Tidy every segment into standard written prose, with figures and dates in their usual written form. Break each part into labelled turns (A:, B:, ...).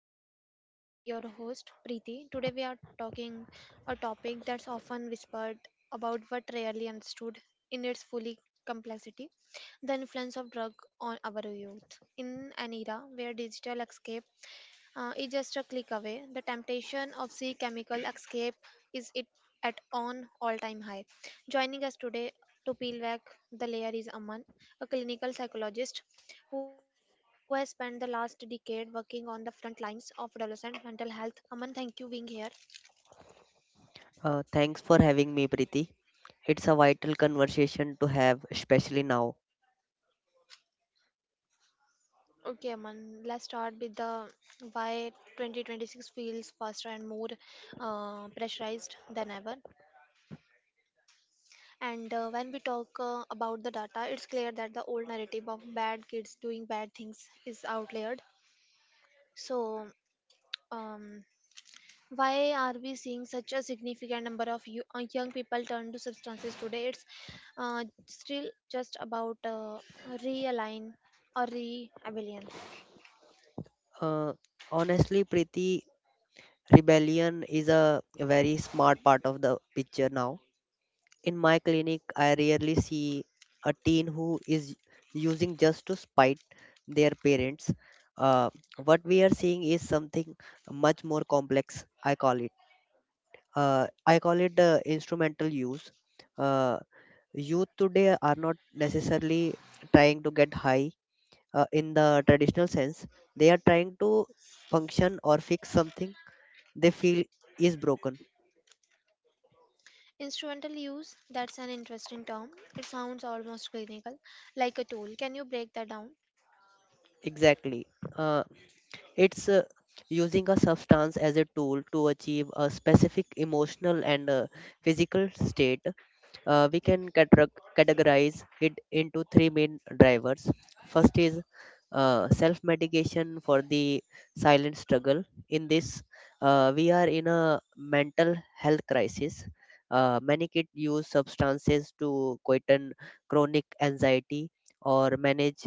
A: podcast. I'm your host, Preeti. Today we are talking a topic that's often whispered about but rarely understood in its fully complexity the influence of drug on our youth. In an era where digital escape is just a click away. The temptation of sea chemical escape is it at on all-time high. Joining us today to peel back the layer is Aman, a clinical psychologist who has spent the last decade working on the front lines of adolescent mental health. Aman, thank you being here.
B: Thanks for having me, Preeti. It's a vital conversation to have, especially now.
A: Okay, Aman, let's start with the why 2026 feels faster and more pressurized than ever. And when we talk about the data, it's clear that the old narrative of bad kids doing bad things is outlayered. So, um, why are we seeing such a significant number of young people turn to substances today? It's still just about realign or re-abelian.
B: Uh, Honestly, Preeti, rebellion is a very smart part of the picture now. In my clinic, I rarely see a teen who is using just to spite their parents. Uh, what we are seeing is something much more complex, I call it. Instrumental use. Uh, Youth today are not necessarily trying to get high in the traditional sense, they are trying to function or fix something they feel is broken
A: Instrumental use, that's an interesting term. It sounds almost clinical, like a tool. Can you break that down?
B: exactly uh, it's using a substance as a tool to achieve a specific emotional and physical state. We can categorize it into three main drivers. First is self medication for the silent struggle. In this, we are in a mental health crisis. Many kids use substances to quieten chronic anxiety or manage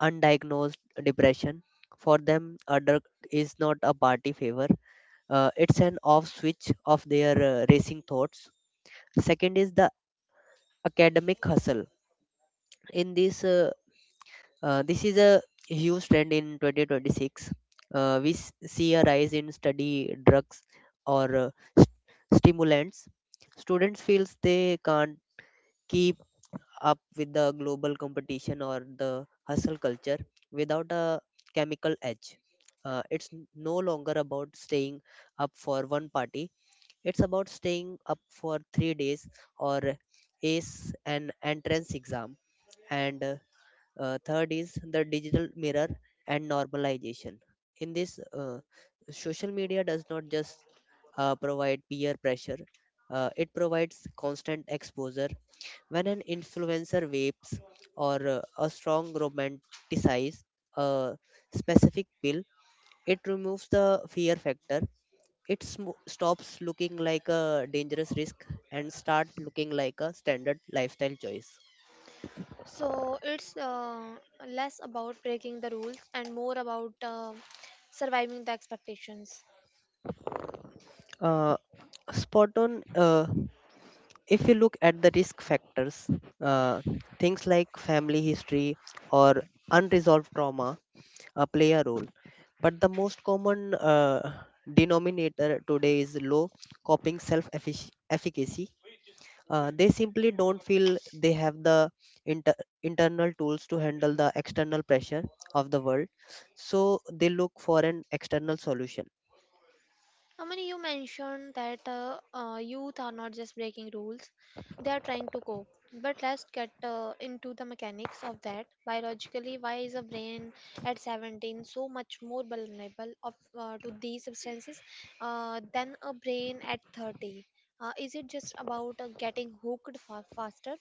B: undiagnosed depression. For them, a drug is not a party favor, it's an off switch of their racing thoughts. Second is the academic hustle. In this This is a huge trend in 2026. See a rise in study drugs or st- stimulants. Students feels they can't keep up with the global competition or the hustle culture without a chemical edge. No longer about staying up for one party, it's about staying up for 3 days or ace an entrance exam. And Third is the digital mirror and normalization. In this, social media does not just provide peer pressure, it provides constant exposure. When an influencer vapes or a strong romanticize a specific pill, it removes the fear factor. Stops looking like a dangerous risk and start looking like a standard lifestyle choice.
A: So it's less about breaking the rules and more about surviving the expectations.
B: Uh, Spot on. If you look at the risk factors, uh, things like family history or unresolved trauma play a role. But the most common denominator today is low coping self efficacy. They simply don't feel they have the inter- internal tools to handle the external pressure of the world, so they look for an external solution.
A: How many you mentioned that youth are not just breaking rules, they are trying to cope. But let's get into the mechanics of that. Biologically, why is a brain at 17 so much more vulnerable of, to these substances than a brain at 30? Is it just about getting hooked faster?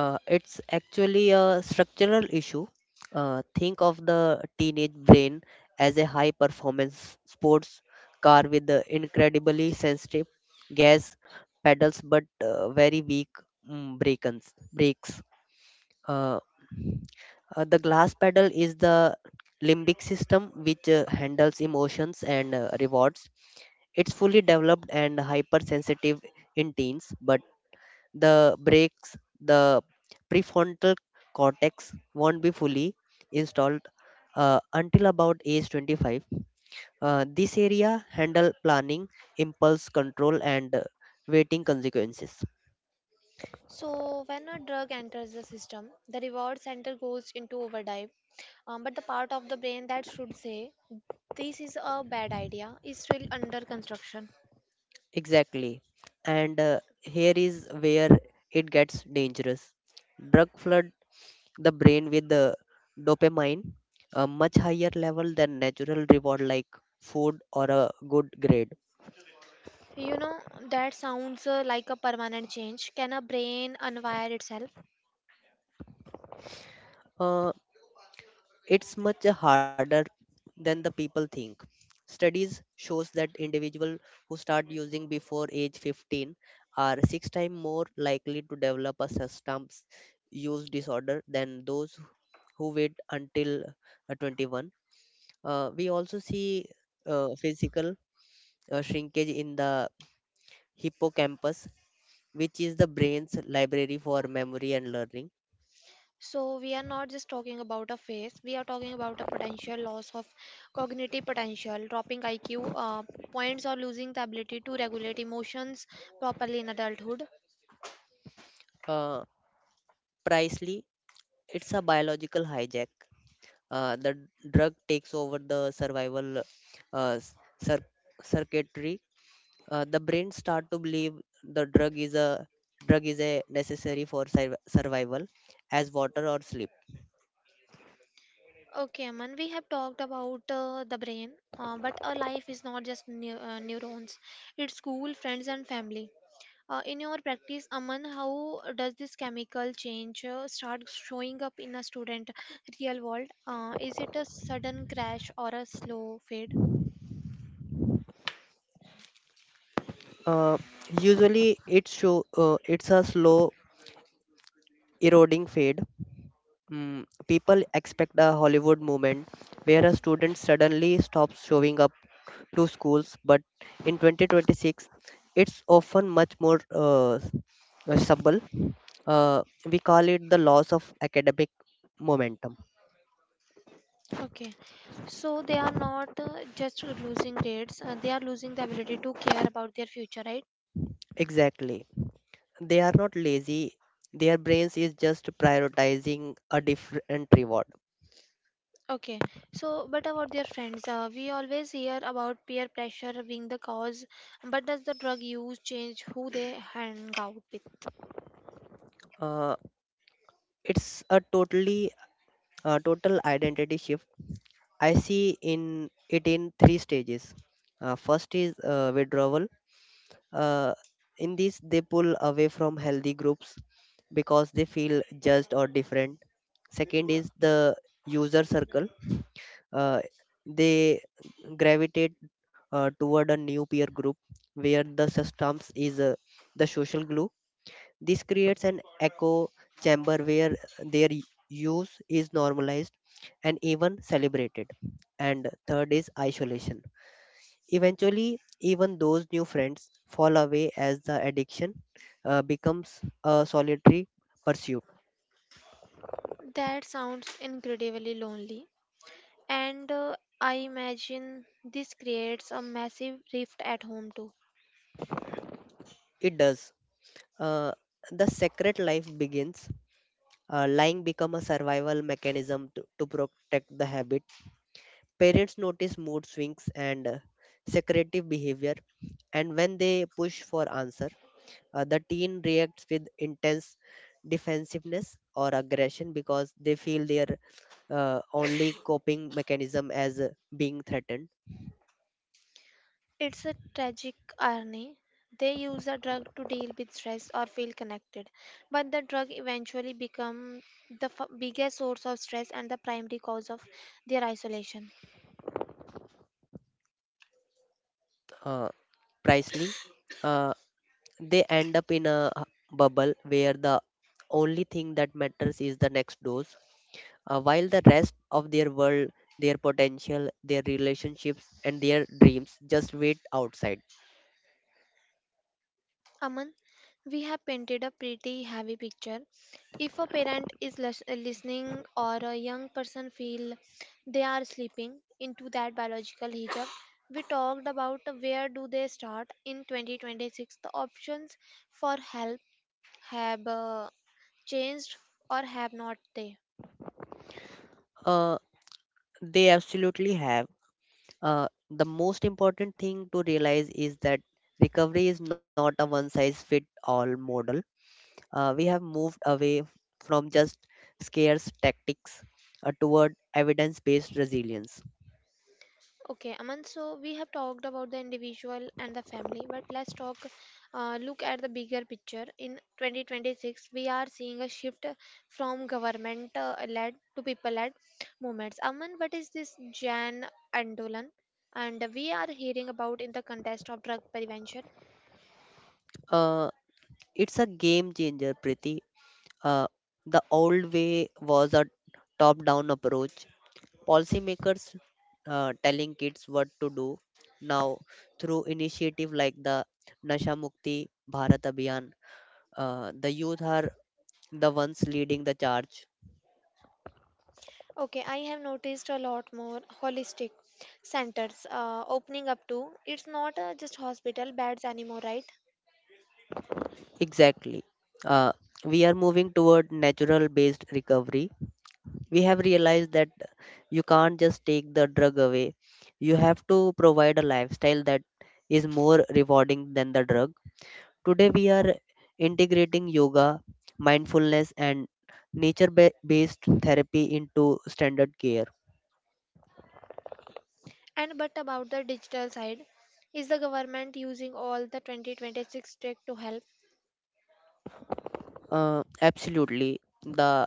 B: It's actually a structural issue. Think of the teenage brain as a high performance sports car with the incredibly sensitive gas pedals but very weak brakes. Uh, the glass pedal is the limbic system, which handles emotions and rewards. It's fully developed and hypersensitive in teens, but the brakes, the prefrontal cortex won't be fully installed until about age 25. This area handle planning, impulse control, and waiting consequences.
A: So, when a drug enters the system, the reward center goes into overdrive. But the part of the brain that should say, this is a bad idea, is still under construction.
B: Exactly. And here is where it gets dangerous. Drug flood the brain with the dopamine, a much higher level than natural reward like food or a good grade.
A: You know, that sounds like a permanent change. Can a brain unwire itself?
B: Uh, it's much harder than the people think. Studies shows that individuals who start using before age 15 are six times more likely to develop a substance use disorder than those who wait until 21. We also see physical shrinkage in the hippocampus, which is the brain's library for memory and learning.
A: So, we are not just talking about a phase, we are talking about a potential loss of cognitive potential, dropping IQ points, or losing the ability to regulate emotions properly in adulthood.
B: Uh, Presley, it's a biological hijack. Drug takes over the survival uh, s- cir- circuitry. The brain start to believe the drug is a necessary for survival as water or sleep.
A: Okay, Aman, we have talked about the brain, but a life is not just neurons, it's school, friends, and family. In your practice, Aman, how does this chemical change start showing up in a student real world? Is it a sudden crash or a slow fade?
B: uh, Usually it show, it's a slow eroding fade. Mm, people expect a Hollywood moment where a student suddenly stops showing up to schools, but in 2026, it's often much more subtle. Uh, we call it the loss of academic momentum.
A: Okay, so they are not just losing grades, they are losing the ability to care about their future, right?
B: Exactly. They are not lazy. Their brains is just prioritizing a different reward.
A: Okay, so but about their friends, we always hear about peer pressure being the cause, but does the drug use change who they hang out with?
B: Uh, it's a totally a total identity shift. I see in it in three stages. First is withdrawal. Uh, in this, they pull away from healthy groups because they feel judged or different. Second is the user circle. Uh, they gravitate toward a new peer group where the systems is the social glue. This creates an echo chamber where their use is normalized and even celebrated. And third is isolation. Eventually, even those new friends fall away as the addiction becomes a solitary pursuit.
A: That sounds incredibly lonely, and I imagine this creates a massive rift at home too.
B: It does. Uh, the secret life begins. Lying become a survival mechanism to protect the habit. Parents notice mood swings and secretive behavior, and when they push for answer, the teen reacts with intense defensiveness or aggression because they feel their only coping mechanism as being threatened.
A: It's a tragic irony. They use a drug to deal with stress or feel connected, but the drug eventually becomes the biggest source of stress and the primary cause of their isolation.
B: Uh, Presley, uh, they end up in a bubble where the only thing that matters is the next dose, while the rest of their world, their potential, their relationships, and their dreams just wait outside.
A: Aman, we have painted a pretty heavy picture. If a parent is listening or a young person feel they are slipping into that biological hijab, we talked about where do they start in 2026. The options for help have changed or have not they?
B: Uh, they absolutely have. The most important thing to realize is that recovery is not a one size fit all model. We have moved away from just scarce tactics toward evidence based resilience.
A: Okay, Aman, so we have talked about the individual and the family, but let's look at the bigger picture. In 2026, we are seeing a shift from government led to people led movements. Aman, what is this Jan Andolan? And we are hearing about in the context of drug prevention.
B: Uh, it's a game changer, Priti. Uh, the old way was a top down approach, policymakers telling kids what to do. Now, through initiative like the Nasha Mukti Bharat Abhiyan, the youth are the ones leading the charge.
A: Okay, I have noticed a lot more holistic centers opening up too. It's not just hospital beds anymore, right?
B: Exactly. Uh, we are moving toward natural based recovery. We have realized that you can't just take the drug away. You have to provide a lifestyle that is more rewarding than the drug. Today, we are integrating yoga, mindfulness, and nature based therapy into standard care.
A: And but about the digital side, is the government using all the 2026 tech to help?
B: Absolutely. The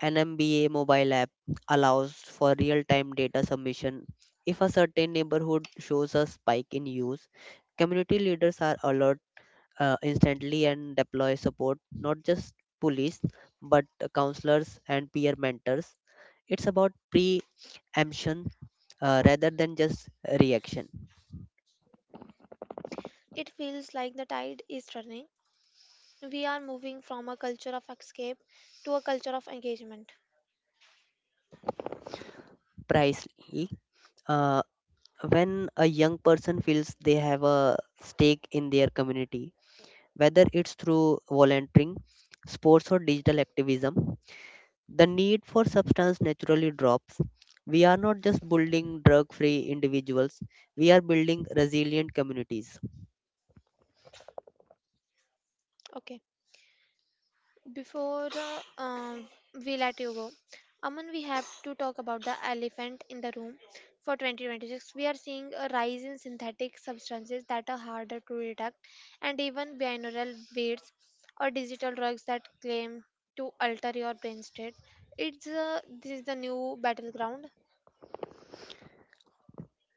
B: An MBA mobile app allows for real time data submission. If a certain neighborhood shows a spike in use, community leaders are alert instantly and deploy support, not just police, but counselors and peer mentors. It's about preemption rather than just reaction.
A: It feels like the tide is turning. We are moving from a culture of escape to a culture of engagement.
B: Precisely, uh, when a young person feels they have a stake in their community, whether it's through volunteering, sports, or digital activism, the need for substance naturally drops. We are not just building drug free individuals, we are building resilient communities.
A: Okay. Before uh, um, we let you go, Aman, we have to talk about the elephant in the room for 2026. We are seeing a rise in synthetic substances that are harder to detect, and even binaural beats or digital drugs that claim to alter your brain state. It's This is the new battleground.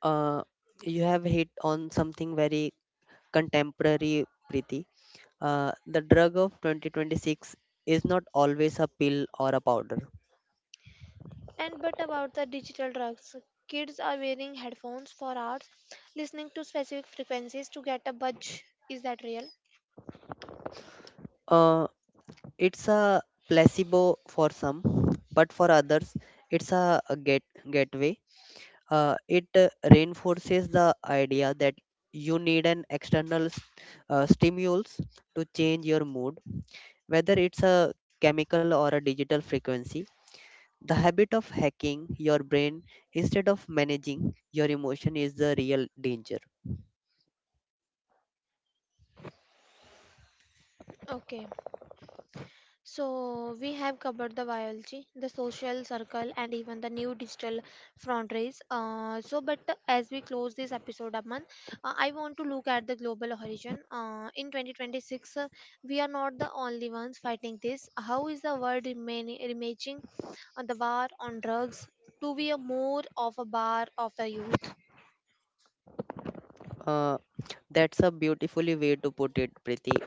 B: Uh, you have hit on something very contemporary, Preeti. The drug of 2026 is not always a pill or a powder.
A: And but about the digital drugs, kids are wearing headphones for hours, listening to specific frequencies to get a budge. Is that real?
B: Uh, it's a placebo for some, but for others, it's a gateway. It reinforces the idea that you need an external stimulus to change your mood, whether it's a chemical or a digital frequency. The habit of hacking your brain instead of managing your emotion is the real danger.
A: Okay. So, we have covered the biology, the social circle, and even the new digital frontiers. So, but as we close this episode, Aman, I want to look at the global horizon. In 2026, we are not the only ones fighting this. How is the world remaging on the war on drugs to be a more of a bar of the youth?
B: uh, that's a beautifully way to put it, Preeti.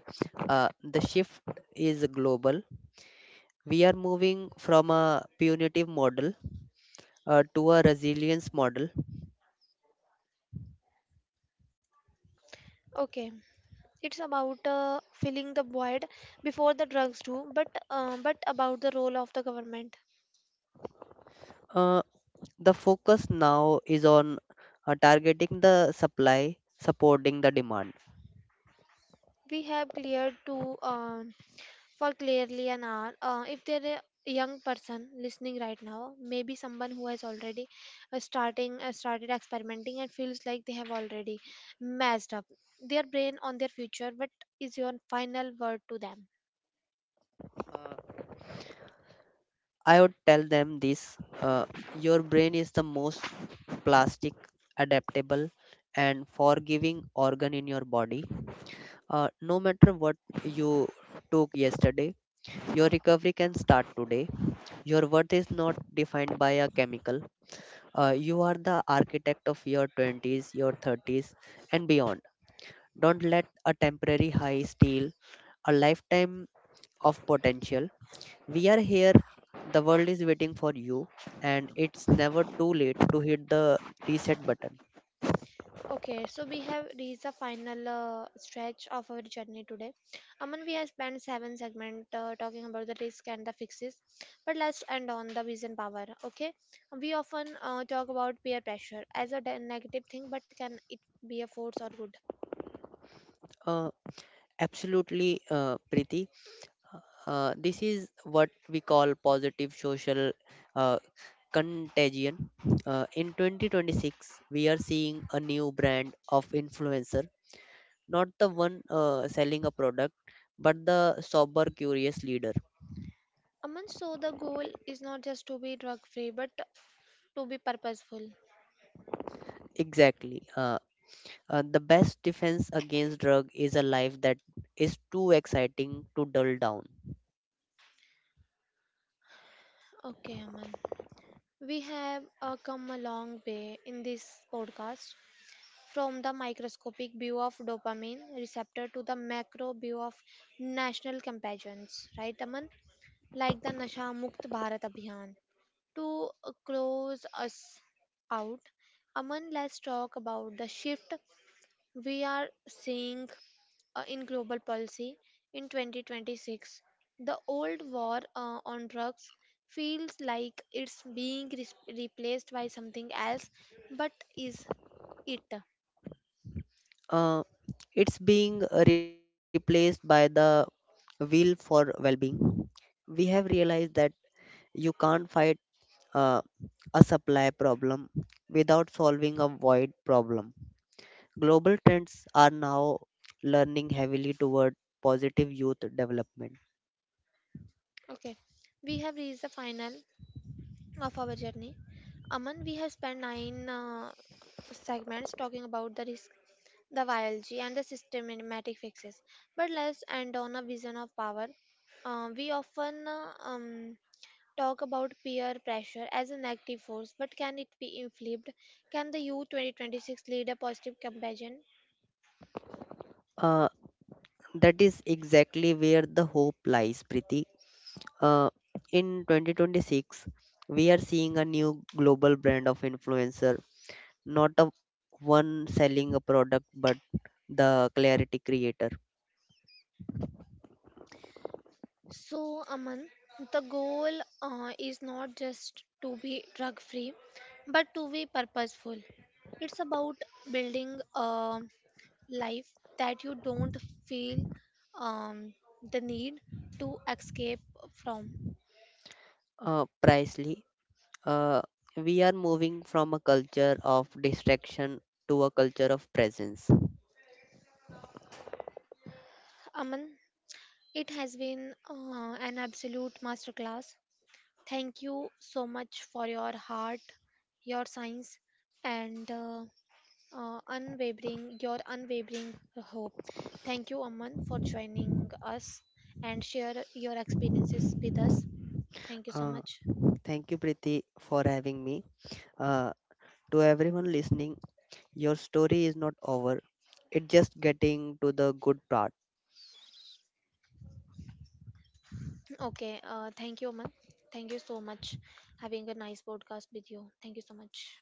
B: The shift is global. We are moving from a punitive model to a resilience model.
A: Okay, it's about filling the void before the drugs do, but about the role of the government
B: Uh, the focus now is on targeting the supply, supporting the demand.
A: we have cleared to for clearly an hour. If there are a young person listening right now, maybe someone who has already starting started experimenting and feels like they have already messed up their brain on their future, what is your final word to them?
B: Uh, I would tell them this: your brain is the most plastic, adaptable, and forgiving organ in your body. No matter what you took yesterday, your recovery can start today. Your worth is not defined by a chemical. You are the architect of your 20s, your 30s, and beyond. Don't let a temporary high steal a lifetime of potential. We are here, the world is waiting for you, and it's never too late to hit the reset button.
A: Okay, so we have reached the final stretch of our journey today. Aman, we have spent seven segments talking about the risk and the fixes, but let's end on the vision power. Okay, we often talk about peer pressure as a negative thing, but can it be a force or good?
B: Uh, Absolutely, Preeti. This is what we call positive social uh, contagion. In 2026, we are seeing a new brand of influencer, not the one selling a product, but the sober, curious leader.
A: Aman, so the goal is not just to be drug free, but to be purposeful.
B: Exactly. The best defense against drug is a life that is too exciting to dull down.
A: Okay, Aman, we have come a long way in this podcast. From the microscopic view of dopamine receptor to the macro view of national campaigns, right, Aman? Like the Nasha Mukt Bharat Abhiyan. To close us out, Aman, let's talk about the shift we are seeing in global policy in 2026. The old war on drugs feels like it's being replaced by something else, but is it?
B: Uh, it's being replaced by the will for well-being. We have realized that you can't fight uh, a supply problem without solving a void problem. Global trends are now learning heavily toward positive youth development.
A: Okay, we have reached the final of our journey. Aman, we have spent nine segments talking about the risk, the biology, and the systematic fixes. But let's end on a vision of power. We often talk about peer pressure as a negative force, but can it be inflipped? Can the U 2026 lead a positive campaign?
B: Uh, That is exactly where the hope lies, Priti. Uh, in 2026, we are seeing a new global brand of influencer, not a one selling a product, but the clarity creator.
A: So, Aman, the goal is not just to be drug free, but to be purposeful. It's about building a life that you don't feel um, the need to escape from.
B: Pricely, uh, we are moving from a culture of distraction to a culture of presence.
A: Aman, it has been an absolute masterclass. Thank you so much for your heart, your science, and unwavering your unwavering hope. Thank you, Aman, for joining us and share your experiences with us. Thank you so
B: Uh,
A: much.
B: Thank you, Priti, for having me. Uh, to everyone listening, your story is not over. It's just getting to the good part.
A: Okay, thank you, Aman. Thank you so much having a nice podcast with you. Thank you so much.